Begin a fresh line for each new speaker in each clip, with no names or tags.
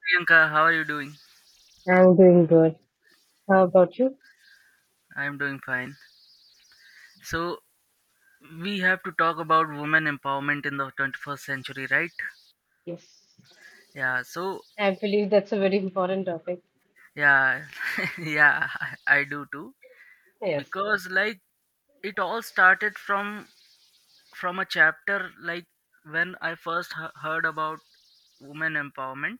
Priyanka, how are you doing?
I'm doing good. How about you?
I am doing fine. So, we have to talk about women empowerment in the 21st century, right?
Yes.
Yeah, so,
I believe that's a very important topic.
yeah, yeah, I do too.
Yes.
Because, like, it all started from a chapter, like when I first heard about women empowerment.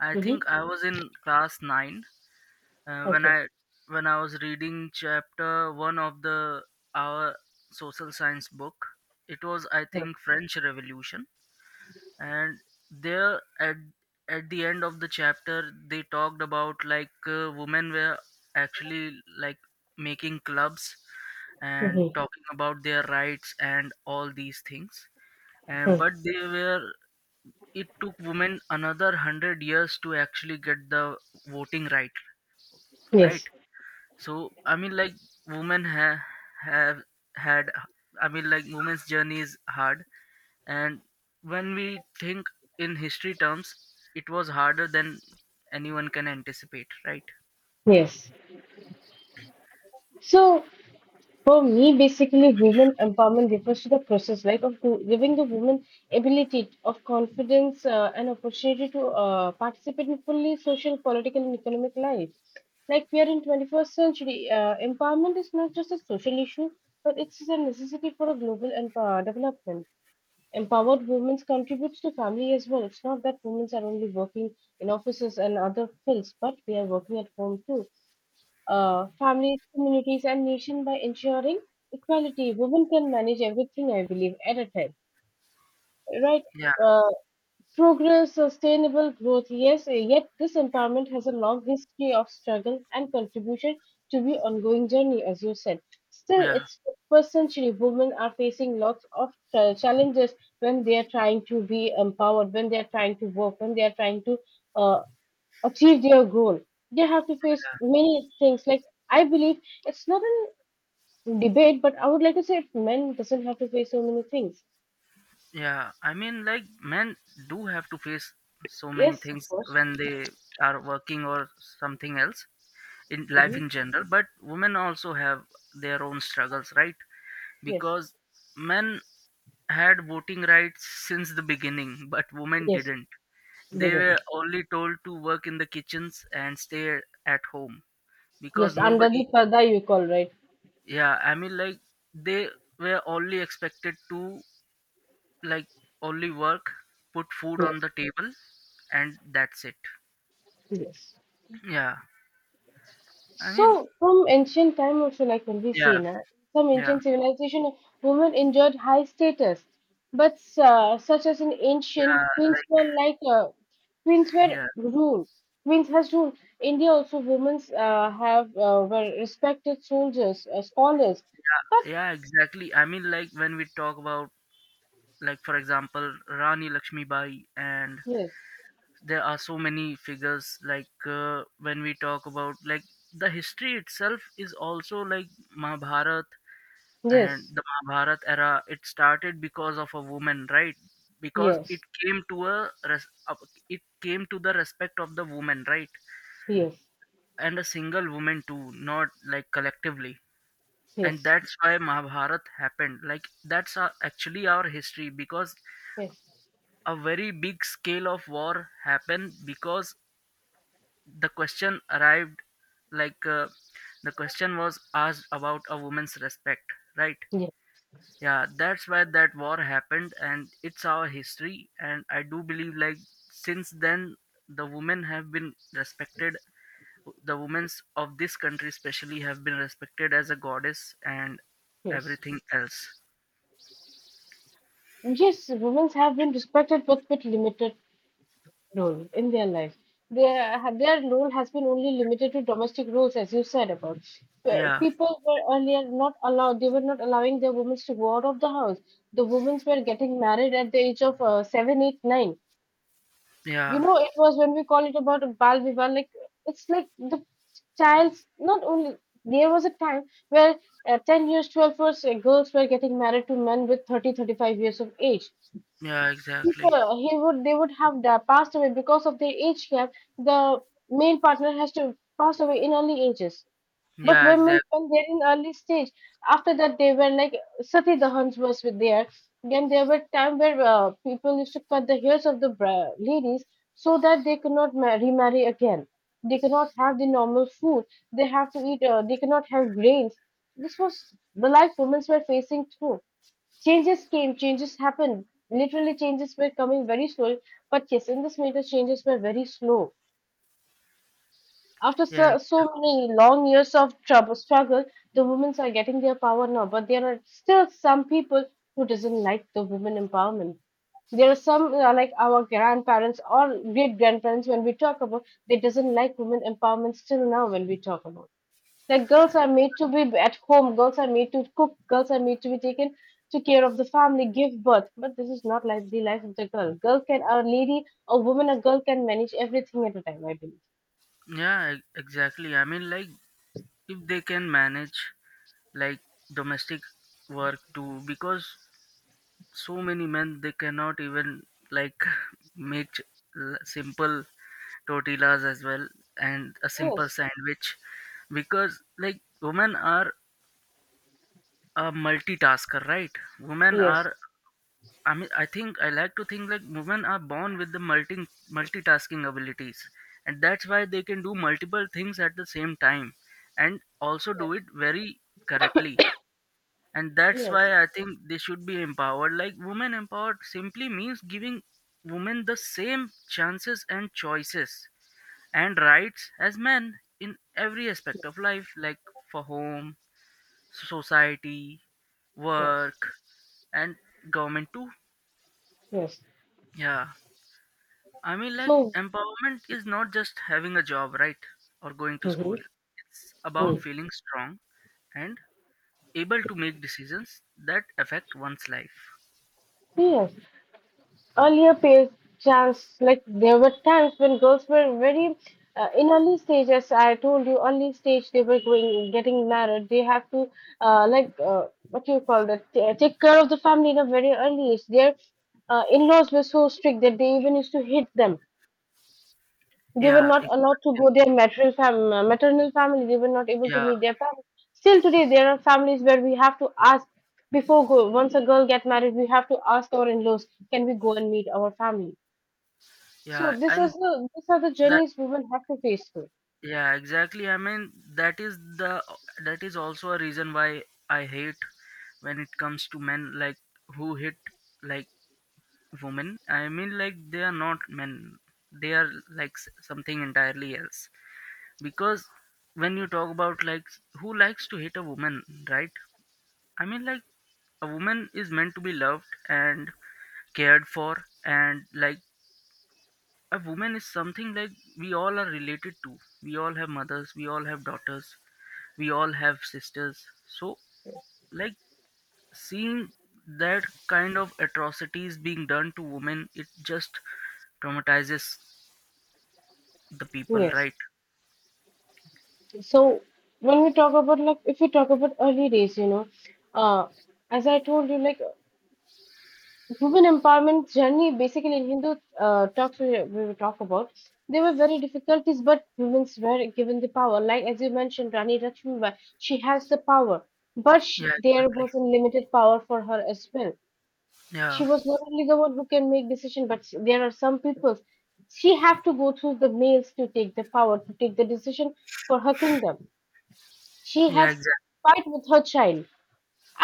I
Hmm.
think I was in class 9 when
Okay.
I was reading chapter 1 of the our social science book. It was, I
Mm-hmm.
think, French Revolution. And there at the end of the chapter, they talked about, like, women were actually, like, making clubs and
Mm-hmm.
talking about their rights and all these things. And but they were, it took women another 100 years to actually get the voting right.
Yes.
Right. So I mean, like, women have had. I mean, like, women's journey is hard, and when we think in history terms, it was harder than anyone can anticipate, right?
Yes. So for me, basically, women empowerment refers to the process, like of giving the woman ability of confidence and opportunity to participate in fully social, political, and economic life. Like we are in 21st century, empowerment is not just a social issue, but it's a necessity for a global and development. Empowered women contributes to family as well. It's not that women are only working in offices and other fields, but they are working at home too. Families, communities, and nation by ensuring equality. Women can manage everything, I believe, at a time, right?
Yeah,
Uh, Progress, sustainable growth, yes, yet this empowerment has a long history of struggle and contribution to be ongoing journey, as you said. Still,
yeah,
it's first century women are facing lots of challenges when they are trying to be empowered, when they are trying to work, when they are trying to uh, achieve their goal. They have to face many things. Like I believe it's not a debate, but I would like to say if men doesn't have to face so many things.
yeah. I mean, like, men do have to face so many
Yes, of
things
course.
when they are working or something else in life
Hmm.
in general, but women also have their own struggles, right?
Yes,
Because men had voting rights since the beginning, but women
yes,
didn't.
they
They
did.
were only told to work in the kitchens and stay at home because
Yes, under the
nobody,
Prada you call right.
yeah, I mean, like, they were only expected to, like, only work, put food on
Yes,
the table, and that's it.
yes.
Yeah, I mean,
So from ancient time also like when we say
yeah,
na, some
yeah,
ancient civilization women enjoyed high status, but such as in ancient
yeah,
queens
like,
were like queens were
yeah,
ruled. Queens has ruled. India also women have were respected soldiers, scholars. But
yeah, exactly. I mean, like, when we talk about, like, for example, Rani Lakshmibai, and
yes,
there are so many figures, like, when we talk about, like, the history itself is also like Mahabharat. And
yes,
the Mahabharat era, it started because of a woman, right? Because it
yes,
came to a it came to the respect of the woman, right?
yes,
And a single woman too, not like collectively. And
yes,
that's why Mahabharat happened, like that's our, actually our history, because
yes,
a very big scale of war happened because the question arrived, like, the question was asked about a woman's respect, right?
yes,
Yeah, that's why that war happened, and it's our history. And I do believe, like, since then the women have been respected, the women's of this country especially have been respected as a goddess and
yes.
everything else.
Yes, women have been respected with but limited role in their life. Their role has been only limited to domestic roles, as you said about.
Yeah
People were earlier not allowed; they were not allowing their women to go out of the house. The women were getting married at the age of 7, 8, 9. You
yeah
know, it was when we call it about a bal viva, like it's like the child's not only. There was a time where 10 years, 12 years, girls were getting married to men with 30, 35 years of age.
yeah exactly
People he would they would have passed away because of their age gap. The male partner has to pass away in early ages. But
yeah
women,
exactly
when they're in early stage, after that they were like sati dahans was with there. Then there were time where people used to cut the hairs of the ladies so that they could not remarry again. They cannot have the normal food, they have to eat, they cannot have grains. This was the life women were facing through. Changes came, changes happened. Literally, changes were coming very slowly. But yes, in this matter, changes were very slow. After
yeah
so, so
exactly
many long years of trouble, struggle, the women are getting their power now. But there are still some people who doesn't like the women empowerment. There are some like our grandparents or great grandparents, when we talk about, they doesn't like women empowerment still now. When we talk about, like, girls are made to be at home, girls are made to cook, girls are made to be taken to care of the family, give birth. But this is not like the life of the girl. Girl can a lady, a woman, a girl can manage everything at a time, I believe.
yeah exactly. I mean, like, if they can manage, like, domestic work too, because so many men they cannot even, like, make simple tortillas as well, and a simple
Yes.
sandwich. Because, like, women are a multitasker, right? Women
Yes.
are, I mean, I think I like to think, like, women are born with the multitasking abilities, and that's why they can do multiple things at the same time and also do
Yes.
it very correctly. And that's
Yes.
why I think they should be empowered, like women empowered simply means giving women the same chances and choices and rights as men in every aspect
Yes.
of life, like for home, society,
Yes.
work, and government too.
Yes.
Yeah, I mean, like,
So.
empowerment is not just having a job, right? Or going to
Mhm.
school. It's about
Mm.
feeling strong and able to make decisions that affect one's life.
Yes. Earlier periods, chance like there were times when girls were very, in early stage, as I told you, early stage they were going getting married. They have to like, what do you call that? Take care of the family in a very early age. Their in-laws were so strict that they even used to hit them. They were
yeah
not allowed to go
exactly
their maternal maternal family. They were not able to
yeah
meet their family. Still today, there are families where we have to ask before go. Once a girl get married, we have to ask our in-laws, can we go and meet our family? So
yeah
this is
and
the these are the
that
journeys women have to face through.
yeah exactly. I mean, that is the, that is also a reason why I hate when it comes to men, like, who hit, like, women. I mean, like, they are not men, they are like something entirely else. Because when you talk about, like, who likes to hit a woman, right? I mean, like, a woman is meant to be loved and cared for. And, like, a woman is something, like, we all are related to. We all have mothers, we all have daughters, we all have sisters. So, like, seeing that kind of atrocities being done to women, it just traumatizes the people,
Yes.
right?
So when we talk about, like, if we talk about early days, you know, uh, as I told you, like women empowerment journey basically in Hindu talks, we will talk about there were very difficulties, but women were given the power. Like as you mentioned, Rani Lakshmibai, she has the power, but
yeah
she, there
exactly
was a limited power for her as well.
yeah
She was not only the one who can make decision but there are some people, she have to go through the males to take the power, to take the decision for her kingdom. She
yeah
has
exactly
fight with her child,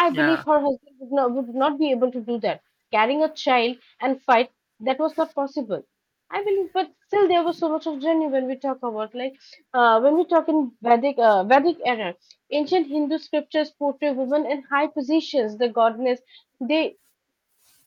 I believe.
yeah
Her husband would not be able to do that, carrying a child and fight, that was not possible, I believe. But still there was so much of journey when we talk about, like, when we talk in vedic era. Ancient Hindu scriptures portray women in high positions, the goddess. They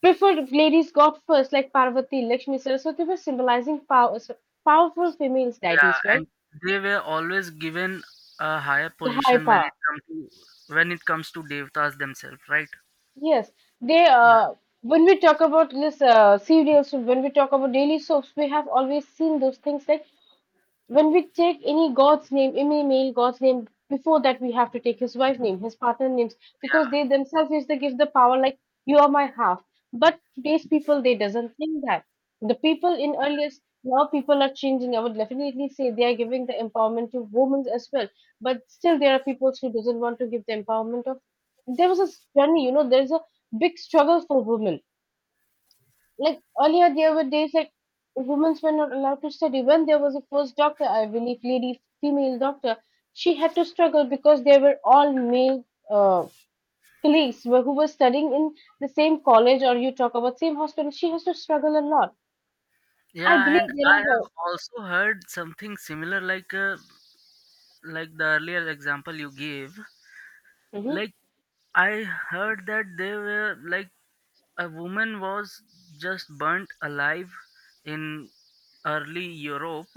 preferred ladies got first, like Parvati, Lakshmi, Saraswati, were symbolizing power, so, powerful female
yeah.
deities, right?
And they were always given a higher
The high
position when
power.
it comes to, when it comes to devtas themselves, right?
Yes, they.
yeah
When we talk about this, serials, when we talk about daily soaps, we have always seen those things, like when we take any god's name, any male god's name, before that we have to take his wife name, his partner names, because
yeah
they themselves is they give the power, like, you are my half. But today's people they doesn't think that. The people in earliest, now people are changing. I would definitely say they are giving the empowerment to women as well. But still there are people who doesn't want to give the empowerment of, there was a journey, you know, there's a big struggle for women, like earlier there were days that women were not allowed to study. When there was a first doctor, I believe, lady female doctor, she had to struggle because there were all male uh, colleagues who were studying in the same college, or you talk about same hospital, she has to struggle a lot. I
Yeah,
believe
and
there
I
are,
have also heard something similar, like, like the earlier example you gave.
mm-hmm.
Like, I heard that they were, like, a woman was just burnt alive in early Europe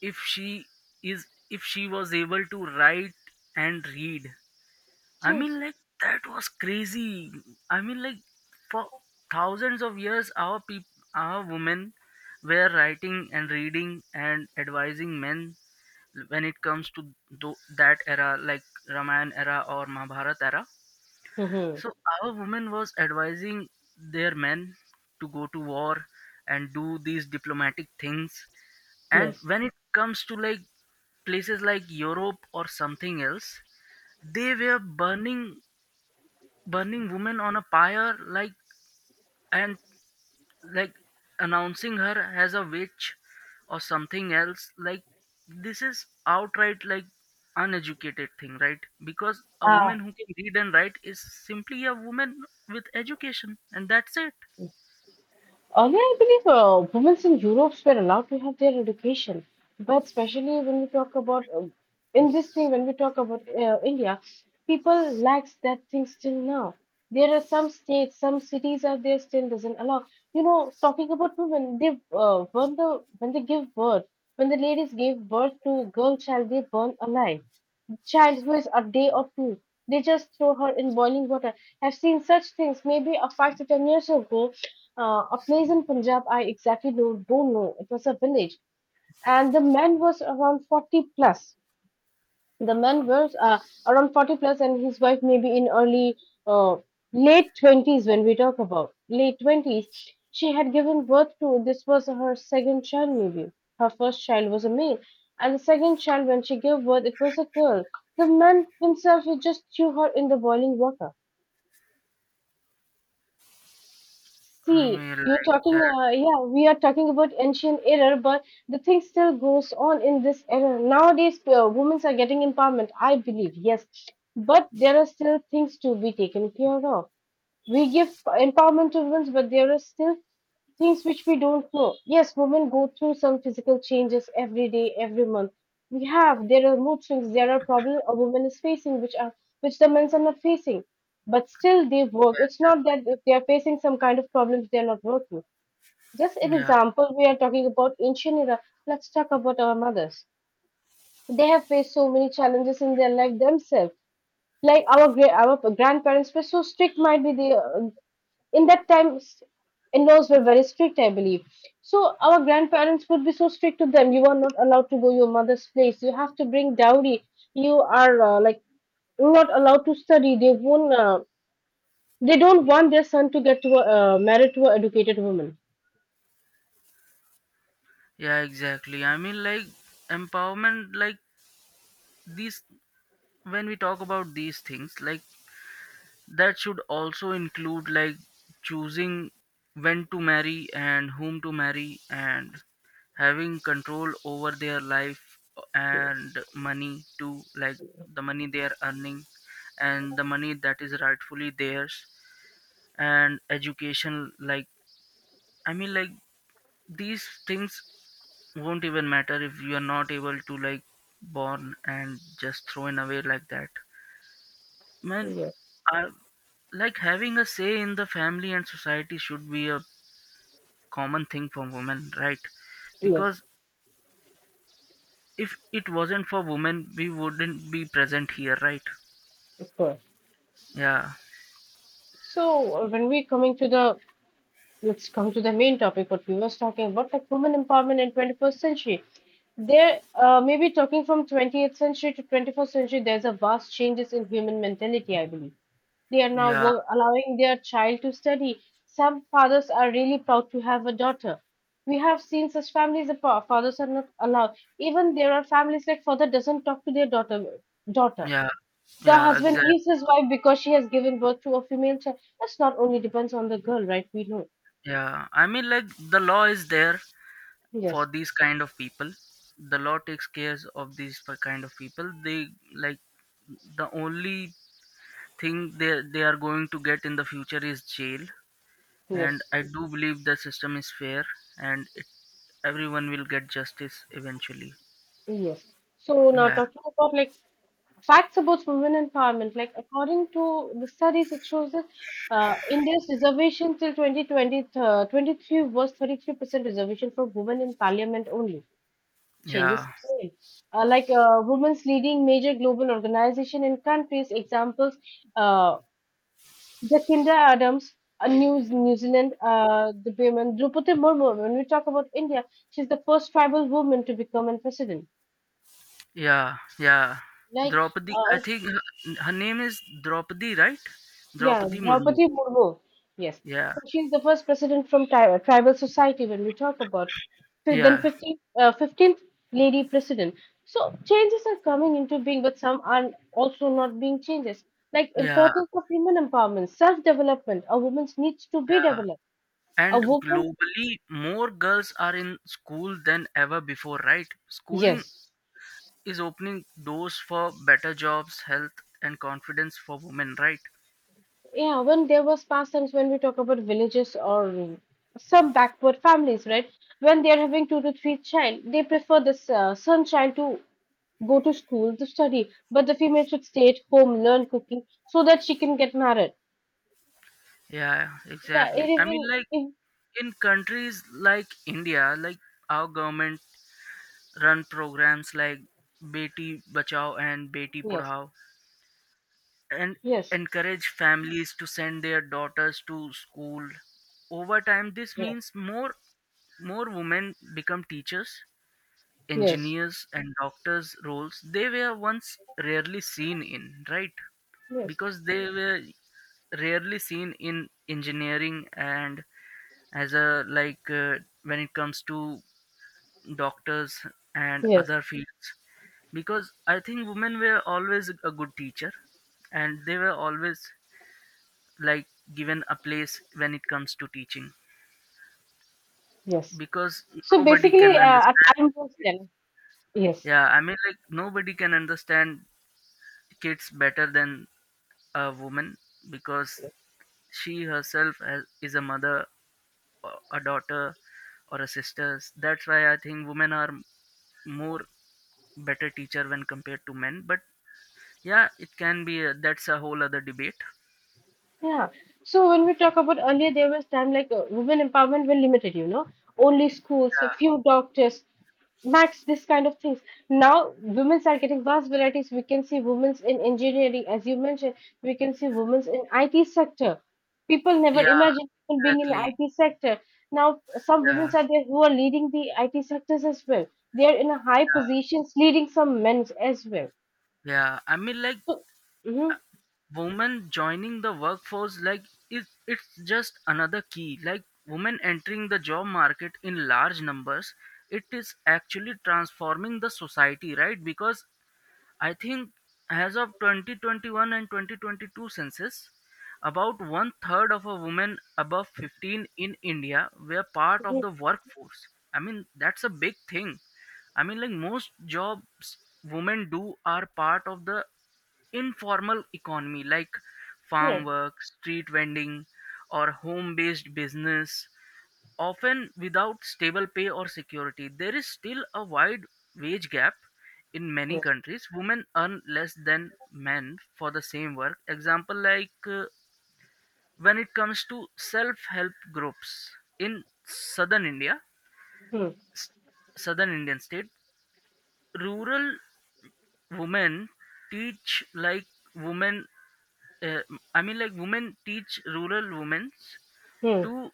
if she is, if she was able to write and read. I
Yes.
mean, like, that was crazy. I mean, like, for thousands of years, our people, our women were writing and reading and advising men when it comes to that era, like Ramayana era or Mahabharata era.
Mm-hmm.
So, our women was advising their men to go to war and do these diplomatic things. And
Yes.
when it comes to, like, places like Europe or something else, they were burning woman on a pyre, like, and, like, announcing her as a witch or something else, like, this is outright, like, uneducated thing, right? Because a
Ah.
woman who can read and write is simply a woman with education, and that's it.
Earlier, I believe women in Europe were allowed to have their education, but especially when we talk about, in this thing, when we talk about, India, people lacks that thing still now. There are some states, some cities are there still doesn't allow. You know, talking about women, they burn the, when they give birth, when the ladies give birth to girl child, they burn alive child who is a day or two. They just throw her in boiling water. I've seen such things maybe a 5 to 10 years ago. A place in Punjab, I exactly don't know. It was a village, and the man was around 40 plus. The man was, around 40 plus, and his wife maybe in uh, late 20s, when we talk about late 20s. She had given birth to, this was her second child, maybe. Her first child was a male, and the second child, when she gave birth, it was a girl. The man himself, he just threw her in the boiling water.
i
See,
mean
you're
like
talking,
that
yeah, we are talking about ancient era, but the thing still goes on in this era. Nowadays, women are getting empowerment, I believe, yes, but there are still things to be taken care of. We give empowerment to women, but there are still things which we don't know. Yes, women go through some physical changes every day, every month. We have There are mood swings, there are problems a woman is facing which the men are not facing. But still they work. It's
that-
not that if they are facing some kind of problems they are not working. Just
that-
an
yeah
example, we are talking about ancient era. Let's talk about our mothers. They have faced so many challenges in their life themselves. Like our our grandparents were so strict, might be they, in that time in-laws were very strict, I believe. So our grandparents would be so strict to them. You are not allowed to go your mother's place. You have to bring dowry. You are like not allowed to study. They won't uh, they don't want their son to get married to an educated woman.
yeah exactly. I mean, like, empowerment, like, these when we talk about these things, like, that should also include, like, choosing when to marry and whom to marry, and having control over their life
Yes.
and money too, like the money they are earning and the money that is rightfully theirs, and education. Like, I mean, like, these things won't even matter if you are not able to, like, born and just thrown away like that. Man,
Yes.
I, like, having a say in the family and society should be a common thing for women, right?
Yes,
Because if it wasn't for women, we wouldn't be present here, right?
of course.
yeah
So when we coming to the let's come to the main topic, what we was talking about, like women empowerment in 21st century. There, maybe talking from 20th century to 21st century, there's a vast changes in human mentality, I believe. They are now
yeah
allowing their child to study. Some fathers are really proud to have a daughter. We have seen such families, the fathers are not allowed. Even there are families like father doesn't talk to their daughter.
yeah
The
yeah
husband
exactly
leaves his wife because she has given birth to a female child. That's not only depends on the girl, right? We know.
yeah I mean, like, the law is there for
Yes.
these kind of people. The law takes care of these kind of people. They, like, the only thing they are going to get in the future is jail. And
Yes,
I do believe the system is fair, and it, everyone will get justice eventually.
yes. So now
yeah
talking about, like, facts about women empowerment, like according to the studies, it shows that India's reservation till 2020, 23 was 33% reservation for women in parliament only. Changes
yeah
came. Like women's leading major global organization in countries, examples, uh, Jacinda Adams, New Zealand, the women, Draupadi Murmu, when we talk about India, she's the first tribal woman to become a president.
yeah yeah
Like,
Draupadi, I
uh,
think her, her name is Draupadi, right?
yeah,
Draupadi Murmu.
Draupadi Murmu. Yes.
yeah
So she's the first president from tribal society when we talk about. So then
yeah
15th, 15th lady president. So changes are coming into being, but some are also not being changes. Like
yeah
importance of women empowerment, self-development. A woman needs to be
Yeah,
developed. A
and
woman,
globally, more girls are in school than ever before, right? Schooling
yes.
is opening doors for better jobs, health, and confidence for women, right?
Yeah, when there was past times when we talk about villages or some backward families, right? When they are having two to three child, they prefer this son child to go to school to study, but the female should stay at home, learn cooking, so that she can get married.
Yeah,
Yeah, it
exactly. I mean,
even
like,
if
in countries like India, like, our government run programs like Beti Bachao and Beti
yes,
Padhao and
yes,
encourage families to send their daughters to school. Over time, this
yes,
means more women become teachers,
yes,
engineers, and doctors, roles they were once rarely seen in, right?
yes,
Because they were rarely seen in engineering and as a like, when it comes to doctors and
yes,
other fields, because I think women were always a good teacher and they were always, like, given a place when it comes to teaching.
yes.
Because
So
nobody
basically,
can
a
understand,
time was then. Yes.
yeah, I mean, like, nobody can understand kids better than a woman, because she herself has, is a mother or a daughter or a sister. That's why I think women are more better teacher when compared to men. But yeah, it can be, that's a whole other debate.
Yeah. So when we talk about earlier, there was time like women empowerment were limited, you know, only schools, a few doctors, max this kind of things. Now women's are getting vast varieties. We can see women's in engineering, as you mentioned. We can see women's in IT sector. People never
yeah
imagined
yeah
women being in
exactly
IT sector. Now some women
yeah
are there who are leading the IT sectors as well. They are in a high
yeah,
positions, leading some men as well.
yeah. I mean, like,
So, mm-hmm,
women joining the workforce, like, it's just another key, like women entering the job market in large numbers, it is actually transforming the society, right? Because I think as of 2021 and 2022 census, about one third of a women above 15 in India were part of
yes,
the workforce. I mean, that's a big thing. I mean, like, most jobs women do are part of the informal economy, like farm
yes,
work, street vending, or home based business. Often without stable pay or security, there is still a wide wage gap. In many
yes,
countries, women earn less than men for the same work. Example, like, when it comes to self-help groups in southern India,
hmm,
southern Indian state, rural women teach, like, women. Uh, I mean, like, women teach rural women
hmm,
to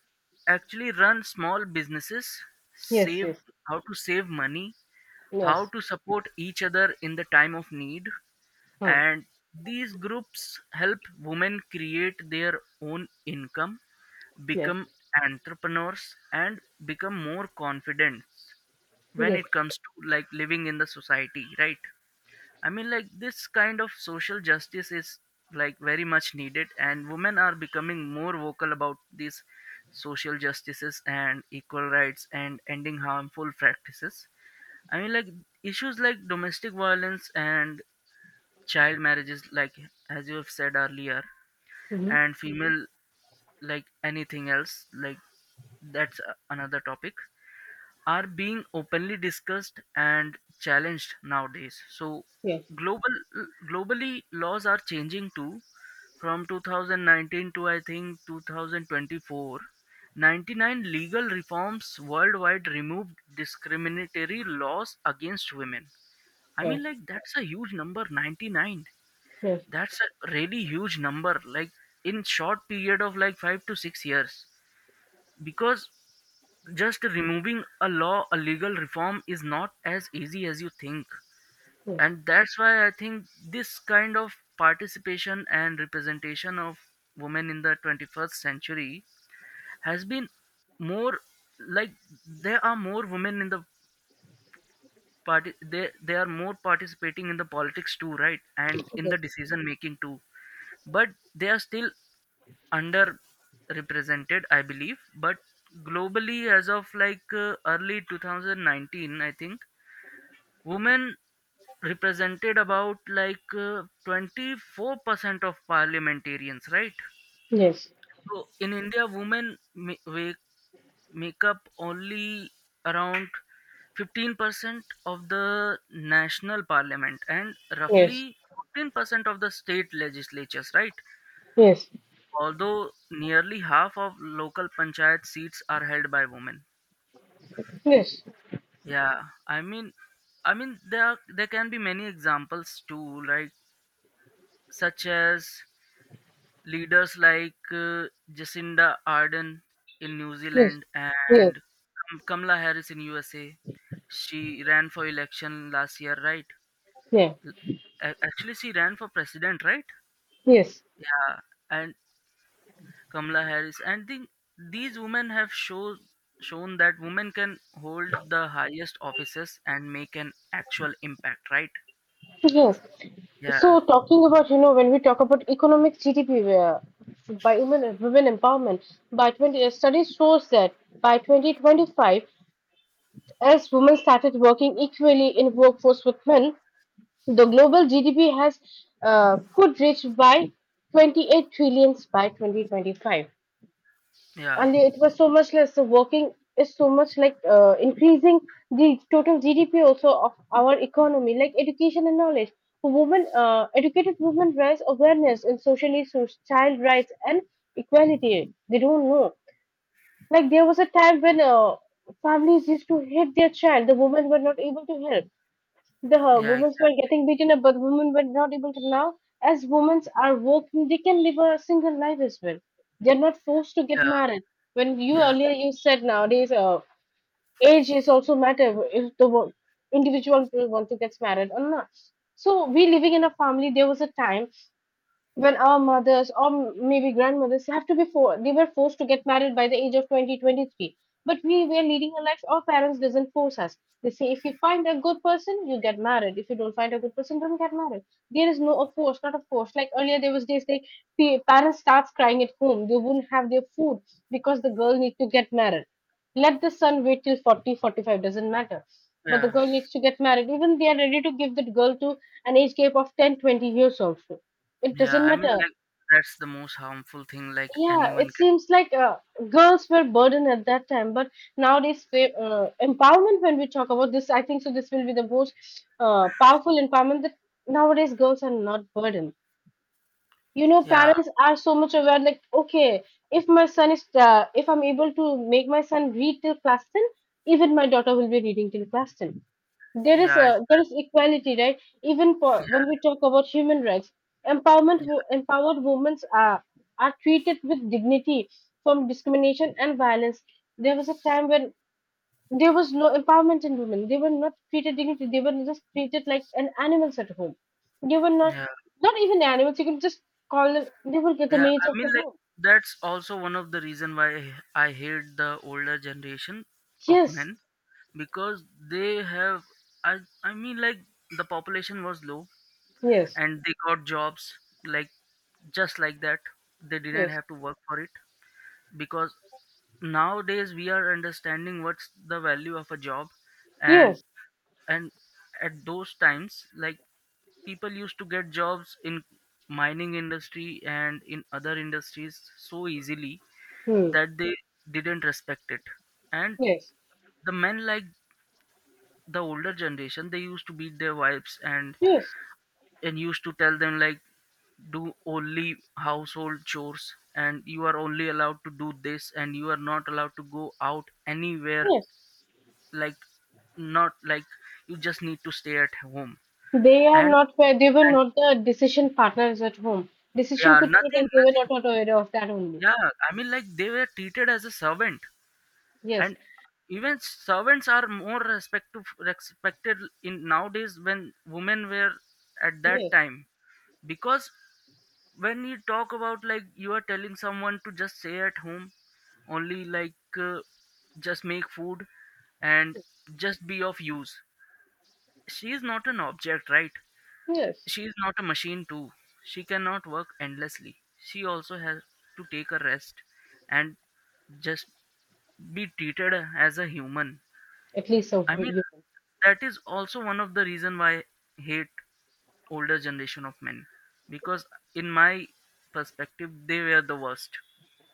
actually run small businesses,
yes,
save,
yes.
how to save money, how
Yes.
to support each other in the time of need.
Huh.
And these groups help women create their own income,
Yes.
become entrepreneurs, and become more confident when
Yes.
it comes to, like, living in the society, right? I mean, like, this kind of social justice is, like, very much needed, and women are becoming more vocal about these social justices and equal rights and ending harmful practices. I mean, like, issues like domestic violence and child marriages, like, as you have said earlier,
Mm-hmm.
and female, like, anything else, like, that's another topic, are being openly discussed and challenged nowadays. So,
Yes.
global globally, laws are changing too. From 2019 to, I think, 2024, 99 legal reforms worldwide removed discriminatory laws against women. I
Yes.
mean, like, that's a huge number, 99.
Yes.
That's a really huge number, like, in short period of like 5 to 6 years. Because just removing a law, a legal reform is not as easy as you think.
Yes.
And that's why I think this kind of participation and representation of women in the 21st century has been more like there are more women in the parti they are more participating in the politics too, right, and in
Yes.
the decision making too. But they are still underrepresented, I believe. But globally, as of early 2019 I think, women represented about 24% of parliamentarians, right?
Yes. Yes.
So in India, women make up only around 15% of the national parliament and
Yes.
roughly 14% of the state legislatures, right?
Yes.
Although nearly half of local panchayat seats are held by women.
Yes.
Yeah, I mean, there are, there can be many examples too, like such as leaders like Jacinda Ardern in New
Yes.
Zealand and Kamala Harris in USA. She ran for election last year, right?
Yeah.
L- Actually, she ran for president, right?
Yes.
Yeah, and Kamala Harris. And think these women have shown that women can hold the highest offices and make an actual impact, right?
Yes.
Yeah,
So talking about, when we talk about economic GDP, by women empowerment, by 20 a study shows that by 2025, as women started working equally in workforce with men, the global GDP has, could reach by 28 trillions by 2025.
yeah,
And it was so much less, so working is so much, like, increasing the total GDP also of our economy. Like education and knowledge, women, educated women raise awareness in social issues, child rights and equality. They don't know. Like, there was a time when families used to hit their child. The women were not able to help. The
yeah,
women
ex-
were getting beaten up, but women were not able to now. As women are working, they can live a single life as well. They're not forced to get
yeah,
married. When you
yeah,
earlier you said nowadays, age is also matter if the individual will want to get married or not. So we living in a family. There was a time when our mothers or maybe grandmothers have to be for they were forced to get married by the age of 20, 23. But we were leading a life, our parents doesn't force us. They say, if you find a good person you get married, if you don't find a good person don't get married. There is no a force, not a force. Like earlier there was days like parents starts crying at home, they wouldn't have their food because the girl need to get married. Let the son wait till 40, 45, doesn't matter, but the
yeah.
girl needs to get married. Even they are ready to give that girl to an age gap of 10, 20 years also. It
Yeah,
doesn't
I mean,
matter.
like that's the most harmful thing. Like
Yeah,
anyone
it
can.
seems like girls were burdened at that time, but nowadays empowerment. When we talk about this, I think so, this will be the most powerful empowerment, that nowadays girls are not burdened. You know,
Yeah,
parents are so much aware. Like, okay, if my son is, if I'm able to make my son read till class 10, even my daughter will be reading till class 10. There is
yeah,
a,
I-
there is equality, right? Even for when we talk about human rights, empowerment,
yeah,
empowered women are treated with dignity, from discrimination and violence. There was a time when there was no empowerment in women, they were not treated dignity, they were just treated like an animals at home. They were not,
yeah.
not even animals you can just call them, they were the
Yeah,
maids
I
of
mean,
the
like
home.
that's also one of the reason why I hate the older generation of
Yes,
men, because they have. I I mean, like the population was low
yes,
and they got jobs like just like that. They didn't
yes,
have to work for it, because nowadays we are understanding what's the value of a job. And
yes,
and at those times, like, people used to get jobs in mining industry and in other industries so easily
hmm.
that they didn't respect it. And
Yes,
the men, like the older generation, they used to beat their wives and
yes,
used to tell them, like, do only household chores and you are only allowed to do this and you are not allowed to go out anywhere,
yes.
like, not like, you just need to stay at home.
They are
And
not, they were
and
not the decision partners at home. Decision
Yeah,
could be,
nothing
and they were not
nothing
not aware of that only.
Yeah, I mean, like they were treated as a servant,
Yes,
and even servants are more respected in nowadays when women were at that
yes,
time. Because when you talk about, like, you are telling someone to just stay at home, only just make food and just be of use. She is not an object, right?
yes.
She is not a machine too. She cannot work endlessly. She also has to take a rest and just be treated as a human.
At least so.
I mean, that is also one of the reason why I hate older generation of men, because in my perspective, they were the worst.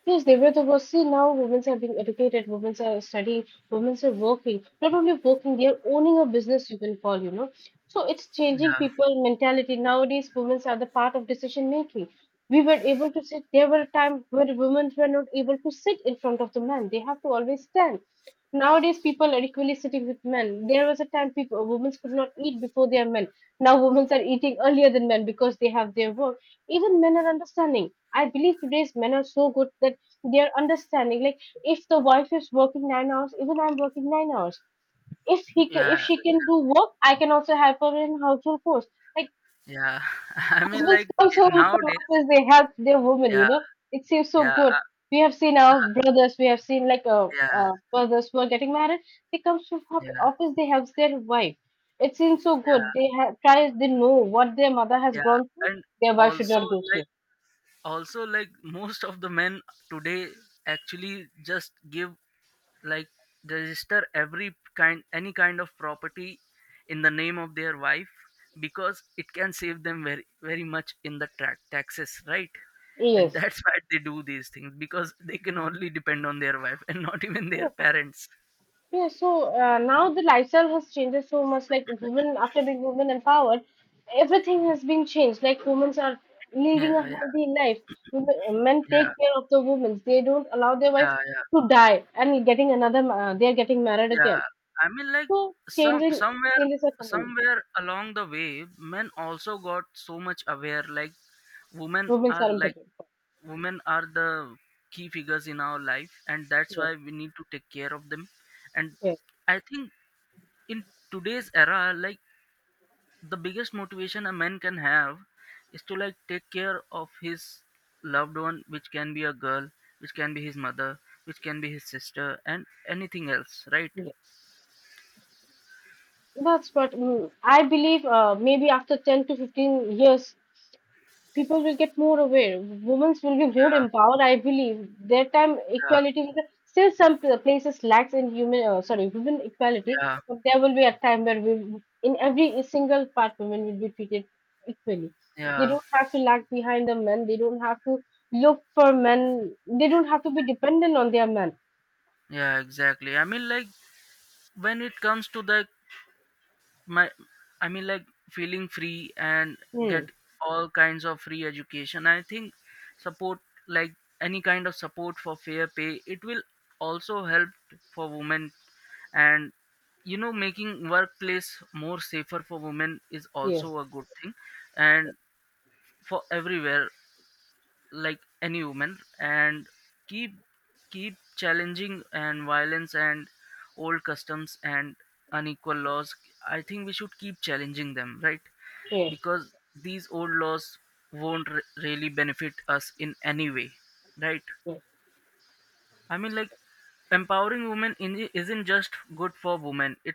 Yes, they were. See, now women are being educated, women are studying, women are working. Not only working, they are owning a business, you can call, you know. So it's changing
Yeah,
people mentality. Nowadays, women are the part of decision making. We were able to sit, there were times where women were not able to sit in front of the man. They have to always stand. Nowadays, people are equally sitting with men. There was a time people women could not eat before their men. Now women are eating earlier than men because they have their work. Even men are understanding. I believe today's men are so good that they are understanding, like, if the wife is working 9 hours, even I'm working 9 hours. If he can, if
yeah,
she can do work, I can also help her in household chores. Like,
yeah. I mean,
husbands
like,
comes home from
nowadays,
office, they help their woman, you
yeah,
know. It seems so
yeah,
good. We have seen our brothers, we have seen like
yeah,
brothers who are getting married. They comes from
yeah,
office, they helps their wife. It seems so good.
yeah,
They have try, they know what their mother has
yeah.
gone through.
And
Their wife should
also,
not go
like,
through.
also, like, most of the men today actually just give, like, register every kind any kind of property in the name of their wife, because it can save them very very much in the taxes, right? And
Yes.
that's why they do these things, because they can only depend on their wife and not even their
Oh,
parents.
yeah, so now the lifestyle has changed so much. Like, women, after being women empowered, everything has been changed. Like, women are leading a
Yeah, yeah,
healthy life. Women, men
yeah,
take care of the women. They don't allow their wife
yeah, yeah,
to die and getting another. They are getting married
yeah.
again.
I mean, like,
So
some
changing
somewhere
changes are coming.
somewhere along the way men also got so much aware, like, women
Women
are
are
like
important.
women are the key figures in our life, and that's
Yes,
why we need to take care of them. And
yes,
I think in today's era, like, the biggest motivation a man can have is to, like, take care of his loved one, which can be a girl, which can be his mother, which can be his sister, and anything else, right?
yes. That's what, I believe. Maybe after 10 to 15 years, people will get more aware. Women will be more
Yeah,
empowered, I believe. Their time
yeah,
equality will be- still some places lacks in human, sorry, women equality,
yeah,
but there will be a time where we, in every single part women will be treated equally. They
yeah,
don't have to lag behind the men. They don't have to look for men. They don't have to be dependent on their men.
yeah, exactly. I mean, like, when it comes to the, my, I mean, like, feeling free and
Hmm.
get all kinds of free education, I think, support, like, any kind of support for fair pay, it will also help for women. And, you know, making workplace more safer for women is
Yes.
also a good thing. And for everywhere, like any woman, and keep keep challenging and violence and old customs and unequal laws, I think we should keep challenging them, right?
Yes.
Because these old laws won't really benefit us in any way, right?
Yes.
I mean, like, empowering women isn't just good for women,